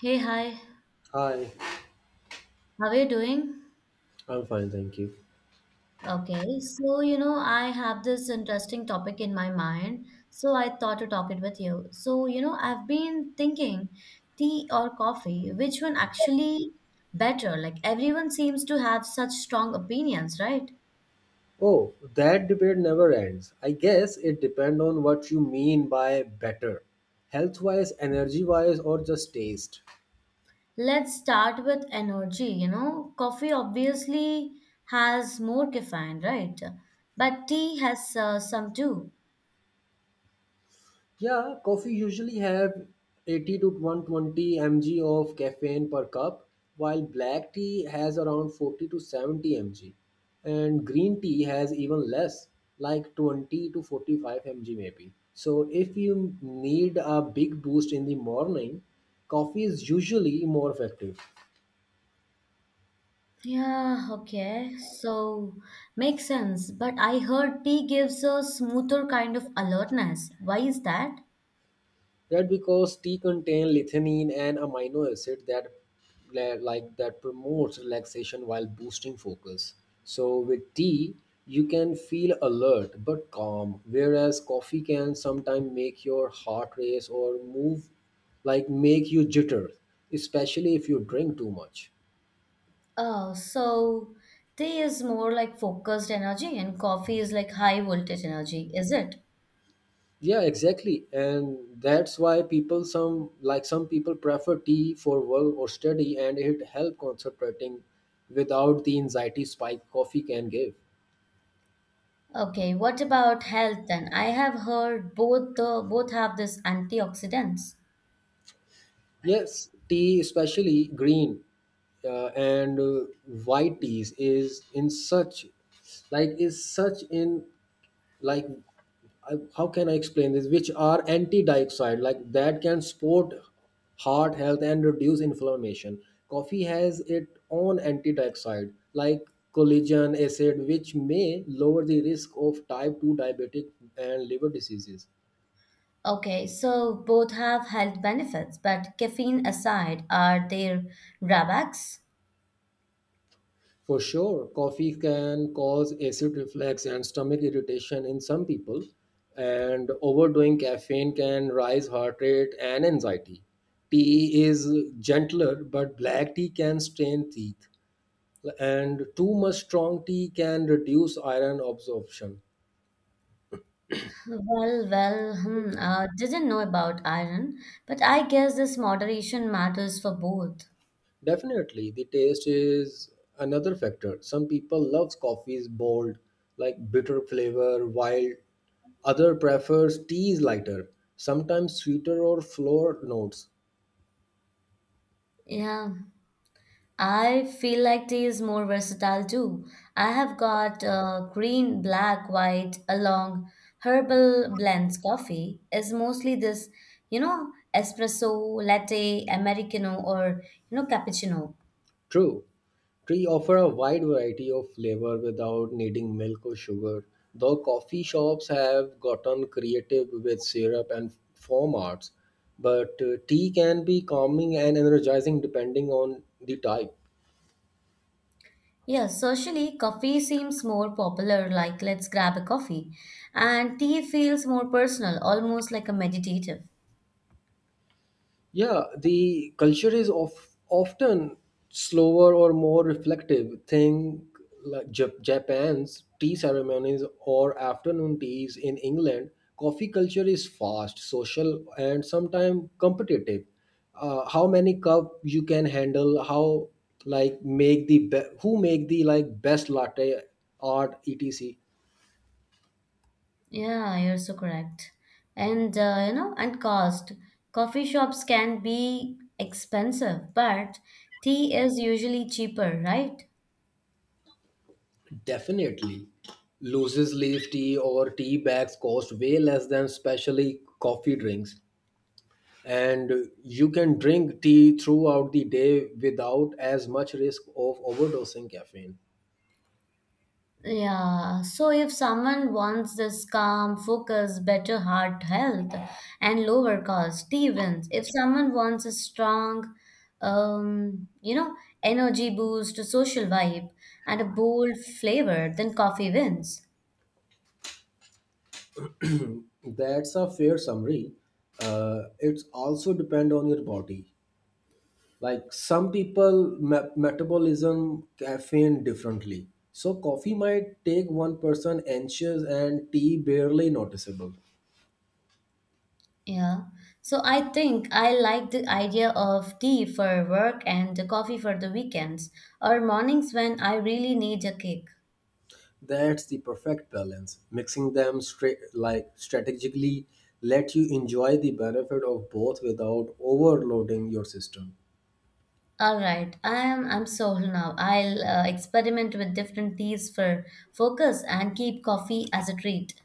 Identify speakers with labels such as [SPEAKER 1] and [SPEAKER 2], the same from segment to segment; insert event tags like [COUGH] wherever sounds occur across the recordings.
[SPEAKER 1] Hey, hi.
[SPEAKER 2] Hi,
[SPEAKER 1] How are you doing?
[SPEAKER 2] I'm fine, thank you.
[SPEAKER 1] Okay, so I have this interesting topic in my mind, so I thought to talk it with you. So, I've been thinking tea or coffee, which one actually better? Like everyone seems to have such strong opinions, right?
[SPEAKER 2] Oh, that debate never ends. I guess it depends on what you mean by better. Health wise, energy wise, or just taste.
[SPEAKER 1] Let's start with energy, Coffee obviously has more caffeine, right? But tea has some too.
[SPEAKER 2] Yeah, coffee usually have 80 to 120 mg of caffeine per cup, while black tea has around 40 to 70 mg, and green tea has even less, like 20 to 45 mg maybe. So if you need a big boost in the morning, coffee is usually more effective.
[SPEAKER 1] Yeah, okay. So makes sense. But I heard tea gives a smoother kind of alertness. Why is that?
[SPEAKER 2] That because tea contain lithianine an amino acid that like that promotes relaxation while boosting focus. So with tea, you can feel alert but calm, whereas coffee can sometimes make your heart race or move like make you jitter, especially if you drink too much.
[SPEAKER 1] Oh, so tea is more like focused energy and coffee is like high voltage energy, is it?
[SPEAKER 2] Yeah, exactly. And that's why people some like some people prefer tea for work or study and it help concentrating without the anxiety spike coffee can give.
[SPEAKER 1] Okay, what about health then? I have heard both have this antioxidants.
[SPEAKER 2] Yes, tea especially green and white teas is in such like is such in like I, how can I explain this? Which are anti-dioxide, like that can support heart health and reduce inflammation. Coffee has its own anti-dioxide, like collagen acid, which may lower the risk of type 2 diabetic and liver diseases.
[SPEAKER 1] Okay, so both have health benefits, but caffeine aside, are there drawbacks?
[SPEAKER 2] For sure, coffee can cause acid reflux and stomach irritation in some people, and overdoing caffeine can rise heart rate and anxiety. Tea is gentler, but black tea can strain teeth, and too much strong tea can reduce iron absorption.
[SPEAKER 1] Well, didn't know about iron, but I guess this moderation matters for both.
[SPEAKER 2] Definitely, the taste is another factor. Some people love coffees bold, like bitter flavor, while other prefers teas lighter, sometimes sweeter or floral notes.
[SPEAKER 1] Yeah, I feel like tea is more versatile too. I have got green, black, white, along herbal blends. Coffee is mostly this, espresso, latte, americano, or cappuccino.
[SPEAKER 2] True, tea offer a wide variety of flavor without needing milk or sugar. Though coffee shops have gotten creative with syrup and foam arts, but tea can be calming and energizing depending on the type.
[SPEAKER 1] Yeah, socially, coffee seems more popular, like let's grab a coffee. And tea feels more personal, almost like a meditative.
[SPEAKER 2] Yeah, the culture is of, often slower or more reflective. Think like Japan's tea ceremonies or afternoon teas in England. Coffee culture is fast, social, and sometimes competitive. How many cup you can handle? How who make the like best latte art etc.
[SPEAKER 1] Yeah, you're so correct. And and cost. Coffee shops can be expensive, but tea is usually cheaper, right?
[SPEAKER 2] Definitely. Loses leaf tea or tea bags cost way less than specially coffee drinks. And you can drink tea throughout the day without as much risk of overdosing caffeine.
[SPEAKER 1] Yeah, so if someone wants this calm, focus, better heart health, and lower cost, tea wins. If someone wants a strong, um, you know, energy boost, a social vibe, and a bold flavor, then coffee wins.
[SPEAKER 2] That's a fair summary. It's also depend on your body. Like some metabolism caffeine differently. So coffee might take one person anxious and tea barely noticeable.
[SPEAKER 1] Yeah. So I think I like the idea of tea for work and the coffee for the weekends or mornings when I really need a kick.
[SPEAKER 2] That's the perfect balance. Mixing them straight like strategically let you enjoy the benefit of both without overloading your system.
[SPEAKER 1] All right, I'm sold now. I'll experiment with different teas for focus and keep coffee as a treat.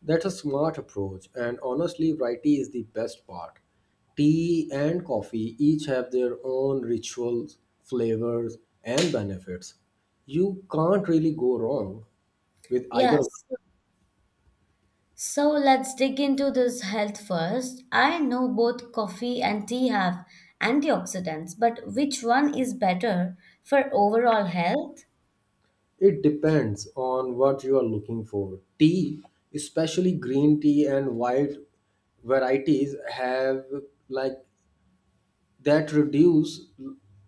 [SPEAKER 2] That's a smart approach and honestly variety is the best part. Tea and coffee each have their own rituals, flavors and benefits. You can't really go wrong with either of.
[SPEAKER 1] Yes. So let's dig into this health first. I know both coffee and tea have antioxidants, but which one is better for overall health?
[SPEAKER 2] It depends on what you are looking for. Tea, especially green tea and white varieties, have like that reduce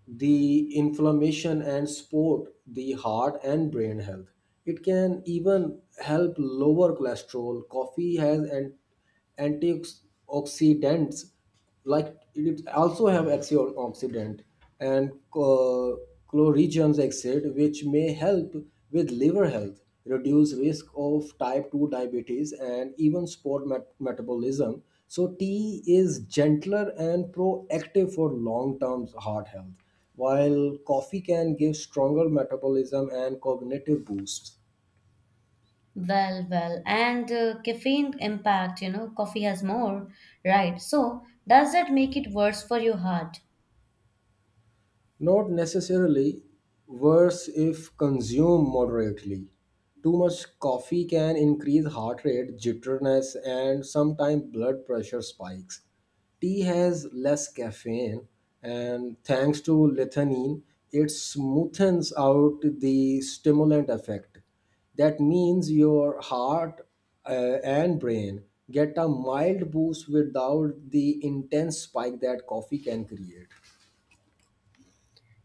[SPEAKER 2] the inflammation and support the heart and brain health. It can even help lower cholesterol. Coffee has an antioxidants like it also have antioxidant and coregions exit, which may help with liver health, reduce risk of type 2 diabetes, and even sport metabolism. So, tea is gentler and proactive for long term heart health, while coffee can give stronger metabolism and cognitive boosts.
[SPEAKER 1] Well, and caffeine impact, coffee has more, right? So, does that make it worse for your heart?
[SPEAKER 2] Not necessarily worse if consumed moderately. Too much coffee can increase heart rate, jitteriness, and sometimes blood pressure spikes. Tea has less caffeine, and thanks to lithanine, it smoothens out the stimulant effect. That means your heart and brain get a mild boost without the intense spike that coffee can create.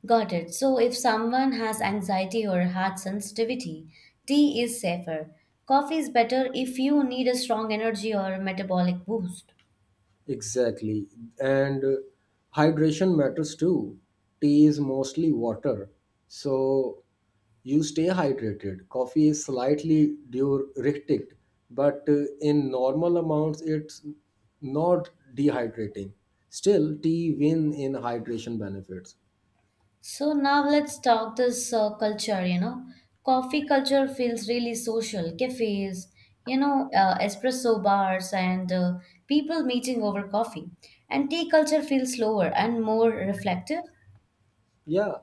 [SPEAKER 1] Got it. So if someone has anxiety or heart sensitivity, tea is safer. Coffee is better if you need a strong energy or metabolic boost.
[SPEAKER 2] Exactly. And hydration matters too. Tea is mostly water. So you stay hydrated. Coffee is slightly diuretic, but in normal amounts, it's not dehydrating. Still, tea win in hydration benefits.
[SPEAKER 1] So now let's talk this culture, Coffee culture feels really social. Cafes, espresso bars and people meeting over coffee. And tea culture feels slower and more reflective.
[SPEAKER 2] Yeah,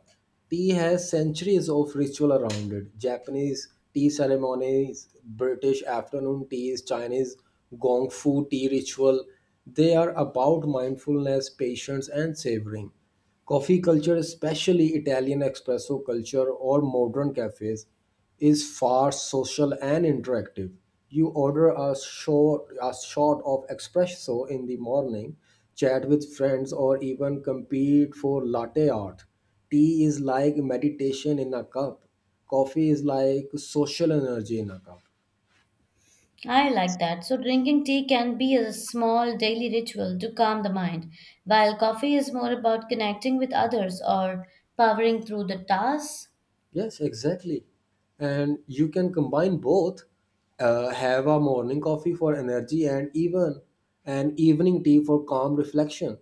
[SPEAKER 2] tea has centuries of ritual around it. Japanese tea ceremonies, British afternoon teas, Chinese gong fu tea ritual. They are about mindfulness, patience, and savoring. Coffee culture, especially Italian espresso culture or modern cafes, is fast, social, and interactive. You order a shot of espresso in the morning, chat with friends, or even compete for latte art. Tea is like meditation in a cup. Coffee is like social energy in a cup.
[SPEAKER 1] I like that. So, drinking tea can be a small daily ritual to calm the mind, while coffee is more about connecting with others or powering through the tasks.
[SPEAKER 2] Yes, exactly. And you can combine both. Have a morning coffee for energy and even an evening tea for calm reflection.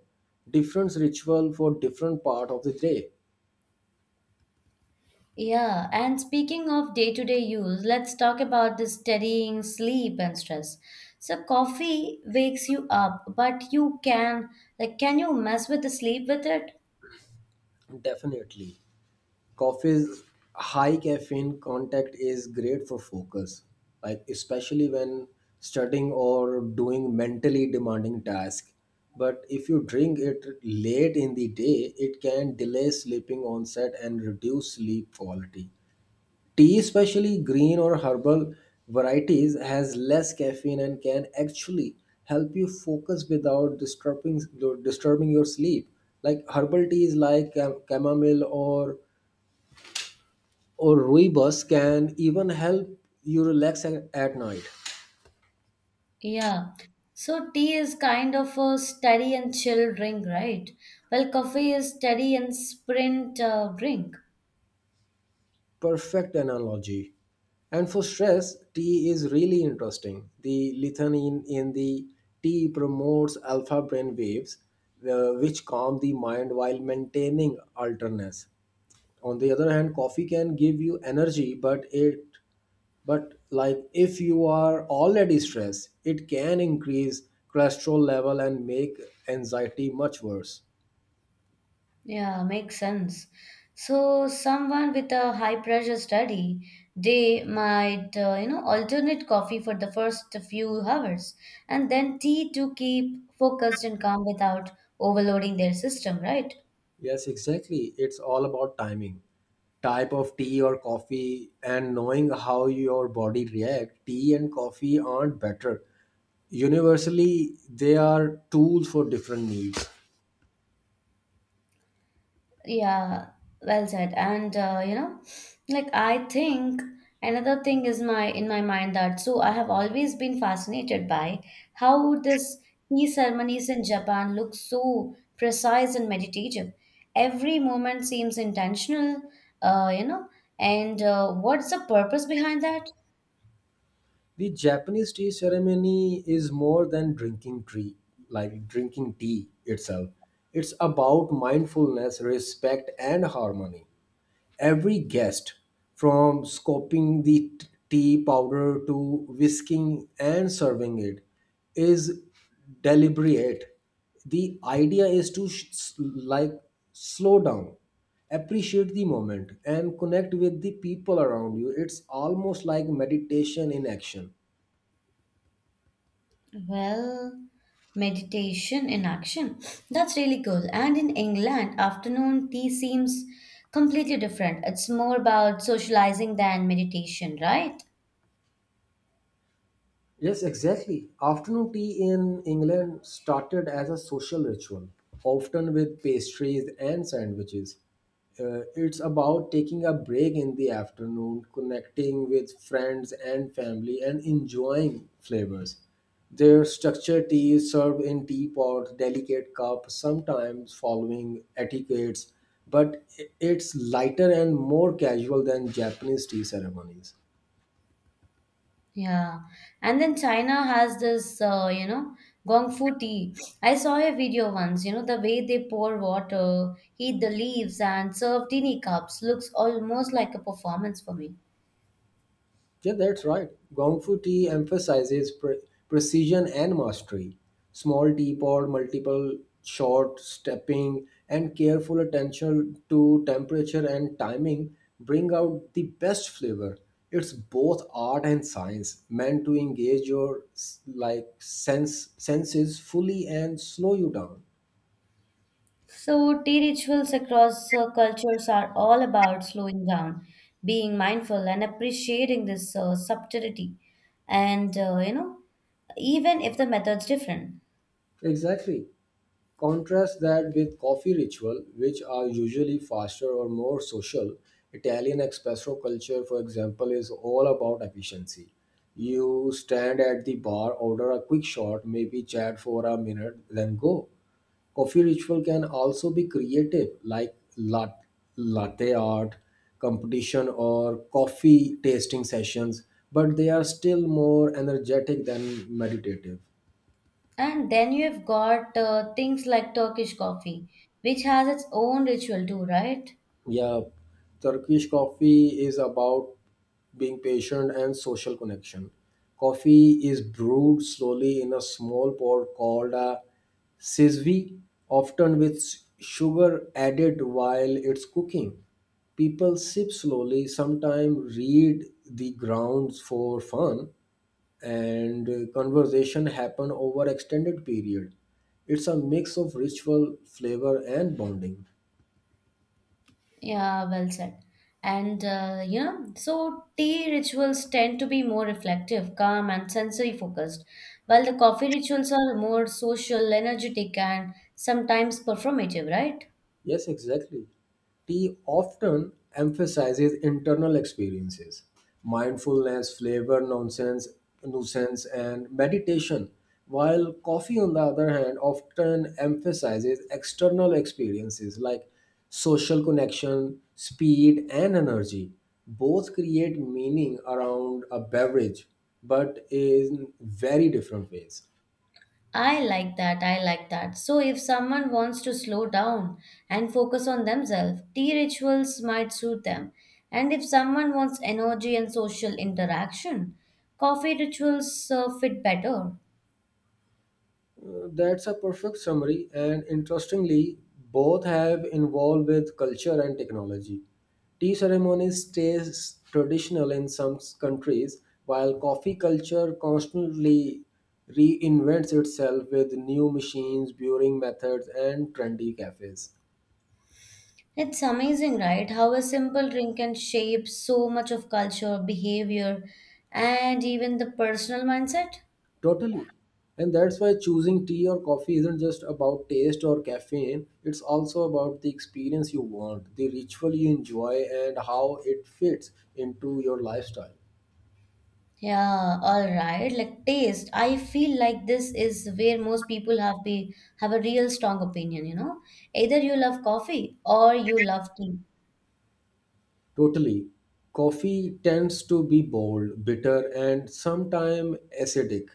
[SPEAKER 2] Different ritual for different part of the day.
[SPEAKER 1] Yeah, and speaking of day to day use, let's talk about the steadying sleep and stress. So, coffee wakes you up, but you can, like, can you mess with the sleep with it?
[SPEAKER 2] Definitely. Coffee's high caffeine content is great for focus like especially when studying or doing mentally demanding tasks, but if you drink it late in the day it can delay sleeping onset and reduce sleep quality. Tea, especially green or herbal varieties, has less caffeine and can actually help you focus without disturbing your sleep. Like herbal teas like chamomile or rooibos can even help you relax at night.
[SPEAKER 1] Yeah. So, tea is kind of a steady and chill drink, right? Well, coffee is steady and sprint drink.
[SPEAKER 2] Perfect analogy. And for stress, tea is really interesting. The lithium in the tea promotes alpha brain waves, which calm the mind while maintaining alertness. On the other hand, coffee can give you energy, but it but like if you are already stressed, it can increase cholesterol level and make anxiety much worse.
[SPEAKER 1] Yeah, makes sense. So someone with a high pressure study, they might, alternate coffee for the first few hours and then tea to keep focused and calm without overloading their system, right?
[SPEAKER 2] Yes, exactly. It's all about timing. Type of tea or coffee and knowing how your body react. Tea and coffee aren't better. Universally, they are tools for different needs.
[SPEAKER 1] Yeah, well said. And like I think another thing is my in my mind that so I have always been fascinated by how this tea ceremonies in Japan look so precise and meditative. Every moment seems intentional, you know, and what's the purpose behind that?
[SPEAKER 2] The Japanese tea ceremony is more than drinking tea, like drinking tea itself. It's about mindfulness, respect and harmony. Every guest from scooping the tea powder to whisking and serving it is deliberate. The idea is to slow down, appreciate the moment and connect with the people around you. It's almost like meditation in action.
[SPEAKER 1] Well, meditation in action. That's really cool. And in England, afternoon tea seems completely different. It's more about socializing than meditation, right?
[SPEAKER 2] Yes, exactly. Afternoon tea in England started as a social ritual, often with pastries and sandwiches. It's about taking a break in the afternoon, connecting with friends and family, and enjoying flavors. Their structured tea is served in teapot, delicate cup, sometimes following etiquettes, but it's lighter and more casual than Japanese tea ceremonies.
[SPEAKER 1] Yeah. And then China has this, gong fu tea. I saw a video once, the way they pour water, heat the leaves, and serve teeny cups looks almost like a performance for me.
[SPEAKER 2] Yeah, that's right. Gong Fu tea emphasizes precision and mastery. Small tea pot, multiple short stepping, and careful attention to temperature and timing bring out the best flavor. It's both art and science, meant to engage your senses fully and slow you down.
[SPEAKER 1] So, tea rituals across cultures are all about slowing down, being mindful, and appreciating this subtlety. And, even if the method's different.
[SPEAKER 2] Exactly. Contrast that with coffee ritual, which are usually faster or more social. Italian espresso culture, for example, is all about efficiency. You stand at the bar, order a quick shot, maybe chat for a minute, then go. Coffee ritual can also be creative, like latte art, competition, or coffee tasting sessions, but they are still more energetic than meditative.
[SPEAKER 1] And then you have got things like Turkish coffee, which has its own ritual too, right?
[SPEAKER 2] Yeah, Turkish coffee is about being patient and social connection. Coffee is brewed slowly in a small pot called a sizvi, often with sugar added while it's cooking. People sip slowly, sometimes read the grounds for fun, and conversation happen over extended period. It's a mix of ritual, flavor, and bonding.
[SPEAKER 1] Yeah, well said. And so tea rituals tend to be more reflective, calm, and sensory focused, while the coffee rituals are more social, energetic, and sometimes performative, right?
[SPEAKER 2] Yes, exactly. Tea often emphasizes internal experiences, mindfulness, flavor, nonsense, nuisance, and meditation, while coffee, on the other hand, often emphasizes external experiences like social connection, speed, and energy. Both create meaning around a beverage, but in very different ways.
[SPEAKER 1] I like that. I like that. So, if someone wants to slow down and focus on themselves, tea rituals might suit them. And if someone wants energy and social interaction, coffee rituals fit better.
[SPEAKER 2] That's a perfect summary, and interestingly, both have involved with culture and technology. Tea ceremonies stays traditional in some countries, while coffee culture constantly reinvents itself with new machines, brewing methods, and trendy cafes.
[SPEAKER 1] It's amazing, right? How a simple drink can shape so much of culture, behavior, and even the personal mindset.
[SPEAKER 2] Totally. And that's why choosing tea or coffee isn't just about taste or caffeine, it's also about the experience you want, the ritual you enjoy, and how it fits into your lifestyle.
[SPEAKER 1] Yeah, all right. Like taste, I feel like this is where most people have a real strong opinion, Either you love coffee or you love tea.
[SPEAKER 2] Totally. Coffee tends to be bold, bitter, and sometimes acidic,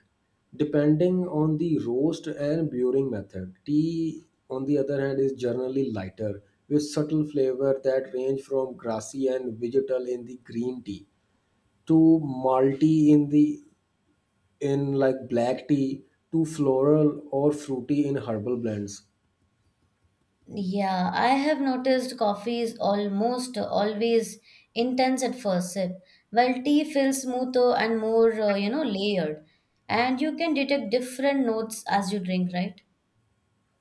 [SPEAKER 2] depending on the roast and brewing method. Tea, on the other hand, is generally lighter, with subtle flavor that range from grassy and vegetal in the green tea too malty in the in like black tea, too floral or fruity in herbal blends.
[SPEAKER 1] Yeah, I have noticed coffee is almost always intense at first sip, while tea feels smoother and more, layered. And you can detect different notes as you drink, right?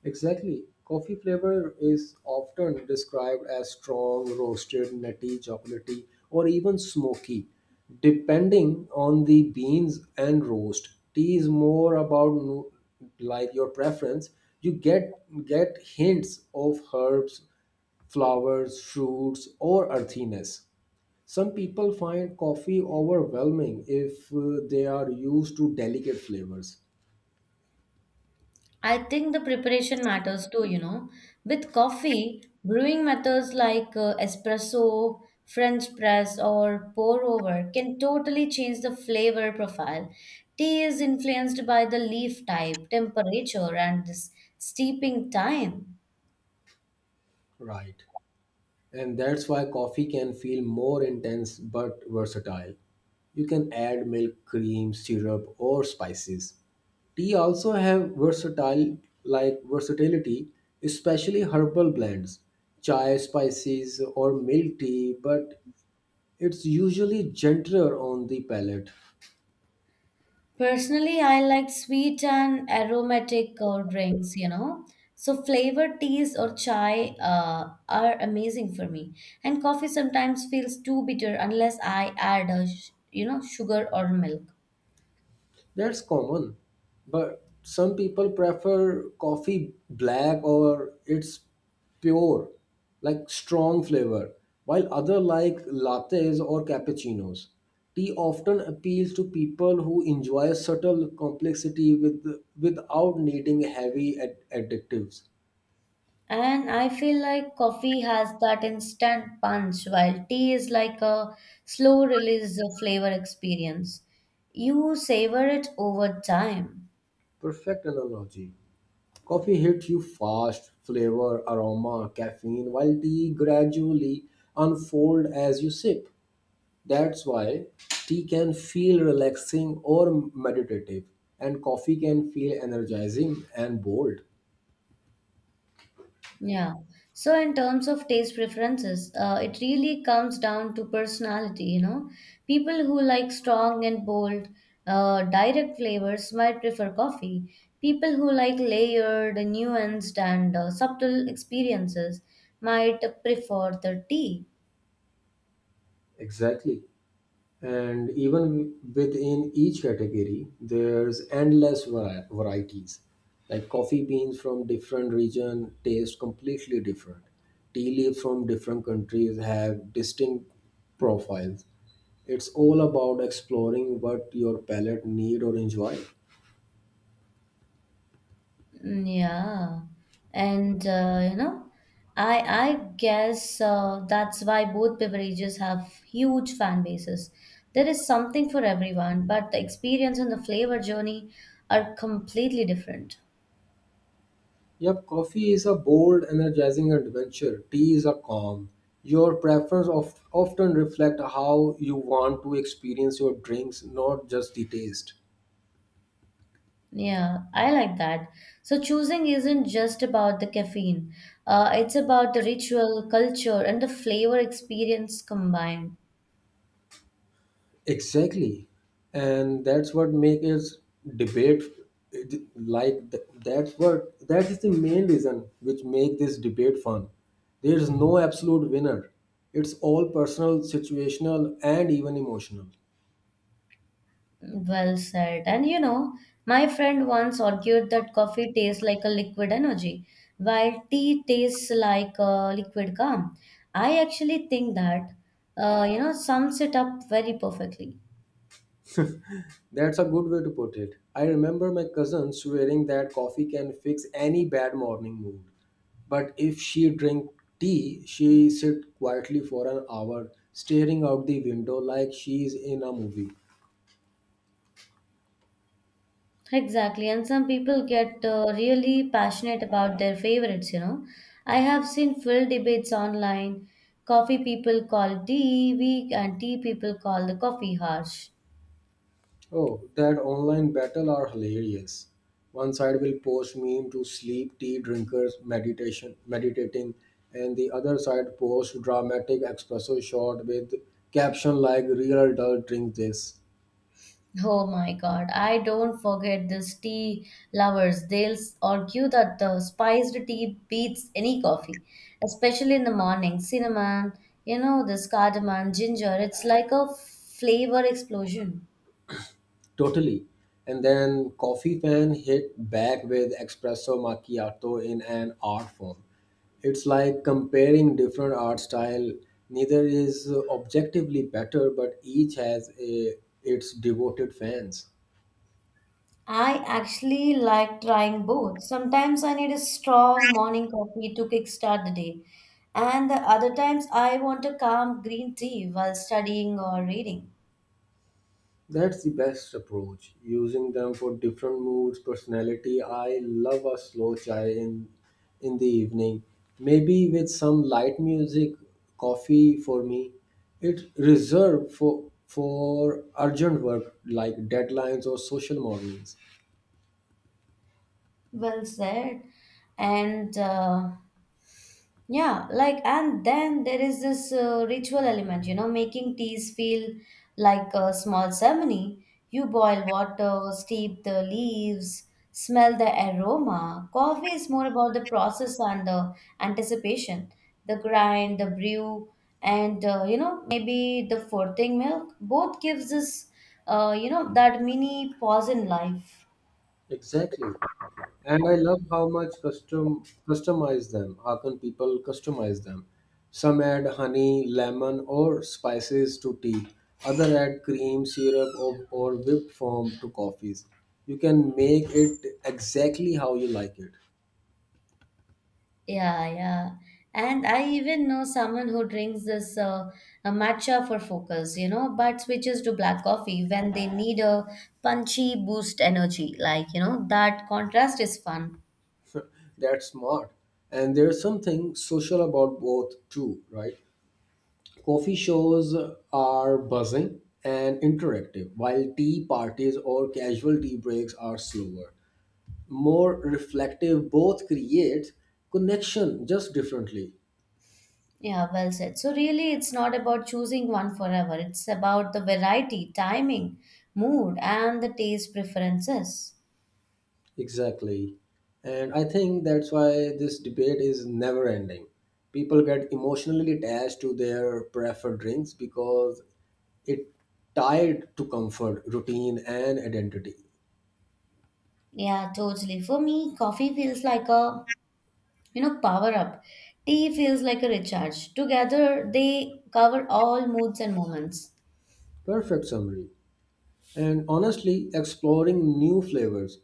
[SPEAKER 2] Exactly. Coffee flavor is often described as strong, roasted, nutty, chocolatey, or even smoky, depending on the beans and roast. Tea is more about like your preference. You get hints of herbs, flowers, fruits, or earthiness. Some people find coffee overwhelming if they are used to delicate flavors.
[SPEAKER 1] I think the preparation matters too, With coffee, brewing methods like espresso, French press, or pour over can totally change the flavor profile. Tea is influenced by the leaf type, temperature, and this steeping time.
[SPEAKER 2] Right. And that's why coffee can feel more intense but versatile. You can add milk, cream, syrup, or spices. Tea also have versatile like versatility, especially herbal blends, chai spices or milk tea, but it's usually gentler on the palate.
[SPEAKER 1] Personally, I like sweet and aromatic drinks, So flavored teas or chai are amazing for me. And coffee sometimes feels too bitter unless I add a, sugar or milk.
[SPEAKER 2] That's common, but some people prefer coffee black or it's pure, like strong flavor, while other like lattes or cappuccinos. Tea often appeals to people who enjoy subtle complexity with, without needing heavy additives.
[SPEAKER 1] And I feel like coffee has that instant punch, while tea is like a slow release of flavor experience. You savor it over time.
[SPEAKER 2] Perfect analogy. Coffee hits you fast, flavor, aroma, caffeine, while tea gradually unfold as you sip. That's why tea can feel relaxing or meditative, and coffee can feel energizing and bold.
[SPEAKER 1] Yeah. So, in terms of taste preferences, it really comes down to personality, People who like strong and bold, direct flavors might prefer coffee. People who like layered, nuanced, and subtle experiences might prefer the tea.
[SPEAKER 2] Exactly. And even within each category, there's endless varieties. Like coffee beans from different region taste completely different. Tea leaves from different countries have distinct profiles. It's all about exploring what your palate need or enjoy.
[SPEAKER 1] Mm, yeah, and I I guess that's why both beverages have huge fan bases. There is something for everyone, but the experience and the flavor journey are completely different.
[SPEAKER 2] Yep, coffee is a bold, energizing adventure. Tea is a calm. Your preference of, often reflect how you want to experience your drinks, not just the taste.
[SPEAKER 1] Yeah, I like that. So choosing isn't just about the caffeine. It's about the ritual, culture, and the flavor experience combined.
[SPEAKER 2] Exactly, and that's what makes it debate it- like th- that's what that is the main reason which make this debate fun. There is no absolute winner. It's all personal, situational, and even emotional.
[SPEAKER 1] Well said. And you know, my friend once argued that coffee tastes like a liquid energy, while tea tastes like a liquid calm. I actually think that, sums it up very perfectly.
[SPEAKER 2] That's a good way to put it. I remember my cousin swearing that coffee can fix any bad morning mood. But if she drink tea, she sit quietly for an hour, staring out the window like she's in a movie.
[SPEAKER 1] Exactly. And some people get really passionate about their favorites, I have seen full debates online. Coffee people call tea weak, and tea people call the coffee harsh.
[SPEAKER 2] Oh, that online battle are hilarious. One side will post meme to sleep tea drinkers meditation meditating, and the other side post dramatic espresso shot with caption like real adult drink this.
[SPEAKER 1] Oh my God, I don't forget this tea lovers. They'll argue that the spiced tea beats any coffee, especially in the morning. Cinnamon, this cardamom, ginger, it's like a flavor explosion.
[SPEAKER 2] Totally. And then Coffee Fan hit back with espresso macchiato in an art form. It's like comparing different art style. Neither is objectively better, but each has its devoted fans.
[SPEAKER 1] I actually like trying both. Sometimes I need a strong morning coffee to kickstart the day, and the other times I want a calm green tea while studying or reading.
[SPEAKER 2] That's the best approach, using them for different moods, personality. I love a slow chai in the evening, maybe with some light music, coffee for me. It's reserved for urgent work like deadlines or social mornings.
[SPEAKER 1] Well said. And yeah, like, and then there is this ritual element, making teas feel like a small ceremony. You boil water, steep the leaves, smell the aroma. Coffee is more about the process and the anticipation, the grind, the brew, and maybe the furting milk. Both gives us, that mini pause in life.
[SPEAKER 2] Exactly. And I love how much customize them. How can people customize them? Some add honey, lemon, or spices to tea. Other add cream, syrup, or whipped foam to coffees. You can make it exactly how you like it.
[SPEAKER 1] Yeah, yeah. And I even know someone who drinks this a matcha for focus, but switches to black coffee when they need a punchy boost energy. Like, that contrast is fun.
[SPEAKER 2] That's smart. And there's something social about both too, right? Coffee shows are buzzing and interactive, while tea parties or casual tea breaks are slower, more reflective. Both create connection just differently.
[SPEAKER 1] Yeah, well said. So, really, it's not about choosing one forever, it's about the variety, timing, mood, and the taste preferences.
[SPEAKER 2] Exactly, and I think that's why this debate is never ending. People get emotionally attached to their preferred drinks because it tied to comfort, routine, and identity.
[SPEAKER 1] Yeah, totally. For me, coffee feels like a power up, tea feels like a recharge together, they cover all moods and moments.
[SPEAKER 2] Perfect summary. And honestly, exploring new flavors,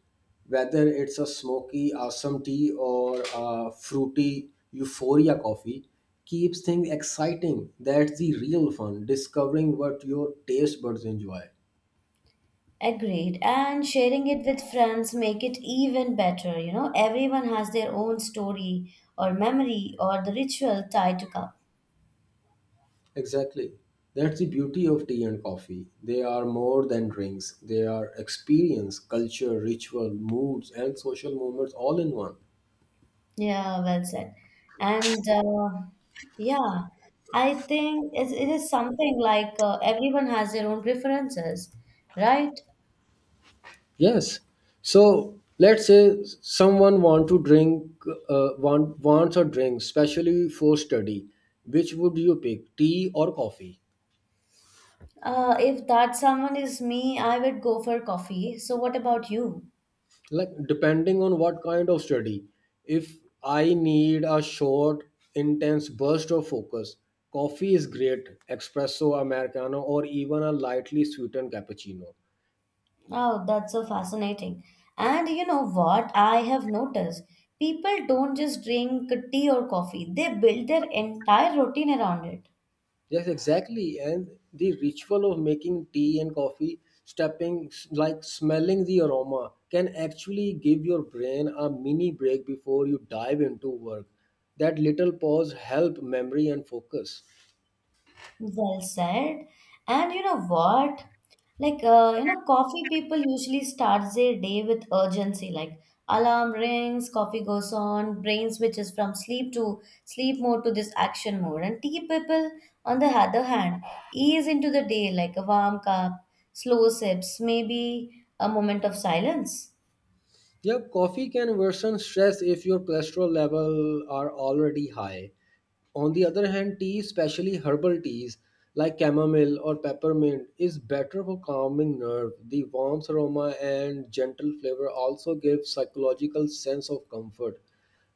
[SPEAKER 2] whether it's a smoky awesome tea or a fruity euphoria coffee, keeps things exciting. That's the real fun, discovering what your taste buds enjoy.
[SPEAKER 1] Agreed, and sharing it with friends make it even better, everyone has their own story or memory or the ritual tied to cup.
[SPEAKER 2] Exactly, that's the beauty of tea and coffee. They are more than drinks, they are experience, culture, ritual, moods, and social moments all in one.
[SPEAKER 1] Yeah, well said. And yeah, I think it is something like everyone has their own preferences, right?
[SPEAKER 2] Yes. So let's say someone want to drink, wants a drink, especially for study. Which would you pick, tea or coffee?
[SPEAKER 1] If that someone is me, I would go for coffee, so what about you?
[SPEAKER 2] Like depending on what kind of study. If I need a short, intense burst of focus, coffee is great, espresso, americano, or even a lightly sweetened cappuccino.
[SPEAKER 1] Oh, that's so fascinating. And you know what? I have noticed people don't just drink tea or coffee, they build their entire routine around it.
[SPEAKER 2] Yes, exactly. And the ritual of making tea and coffee, like smelling the aroma, can actually give your brain a mini break before you dive into work. That little pause help memory and focus.
[SPEAKER 1] Well said. And you know what? Like, coffee people usually start their day with urgency. Like, alarm rings, coffee goes on, brain switches from sleep to sleep mode to this action mode. And tea people, on the other hand, ease into the day like a warm cup, slow sips, maybe a moment of silence.
[SPEAKER 2] Yeah, coffee can worsen stress if your cholesterol level are already high. On the other hand, tea, especially herbal teas like chamomile or peppermint, is better for calming nerve. The warm aroma and gentle flavor also give psychological sense of comfort.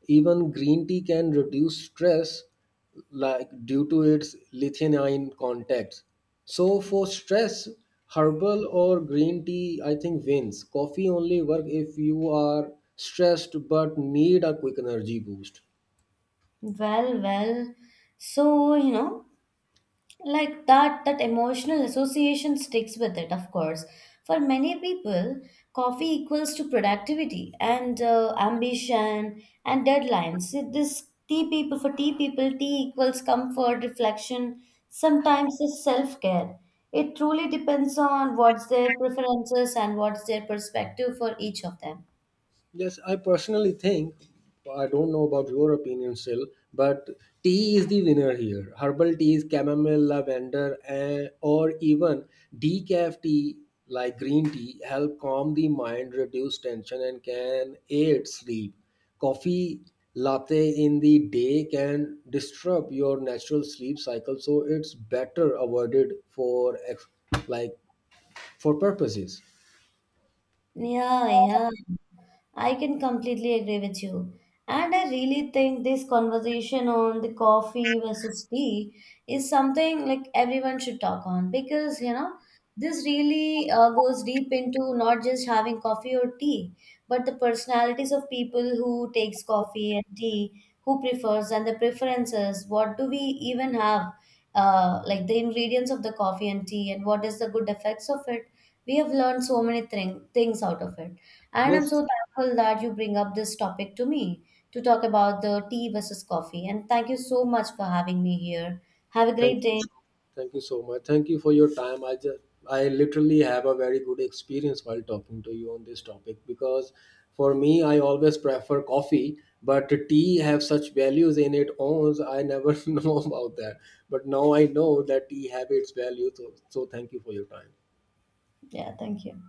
[SPEAKER 2] Even green tea can reduce stress like due to its lithianine content. So for stress, herbal or green tea I think wins. Coffee only work if you are stressed but need a quick energy boost.
[SPEAKER 1] Well, so, Like, that emotional association sticks with it of course. For many people, coffee equals to productivity and ambition and deadlines. See, this tea people, for tea people, tea equals comfort reflection, sometimes it's self-care. It truly depends on what's their preferences and what's their perspective for each of them.
[SPEAKER 2] Yes, I personally think, I don't know about your opinion still, but tea is the winner here. Herbal teas, chamomile, lavender, and or even decaf tea like green tea help calm the mind, reduce tension, and can aid sleep. Coffee latte in the day can disrupt your natural sleep cycle, so it's better avoided for ex- like for purposes.
[SPEAKER 1] Yeah, yeah, I can completely agree with you. And I really think this conversation on the coffee versus tea is something like everyone should talk on because, this really goes deep into not just having coffee or tea, but the personalities of people who takes coffee and tea, who prefers and the preferences. What do we even have? Like the ingredients of the coffee and tea and what is the good effects of it. We have learned so many things out of it, and I'm
[SPEAKER 2] Yes,
[SPEAKER 1] so thankful that you bring up this topic to me to talk about the tea versus coffee. And thank you so much for having me here. Have a
[SPEAKER 2] thank
[SPEAKER 1] great
[SPEAKER 2] you.
[SPEAKER 1] day.
[SPEAKER 2] Thank you so much. Thank you for your time. I just I literally have a very good experience while talking to you on this topic because for me I always prefer coffee, but tea have such values in it owns I never [LAUGHS] know about that. But now I know that tea have its value. So thank you for your time.
[SPEAKER 1] Yeah, thank you.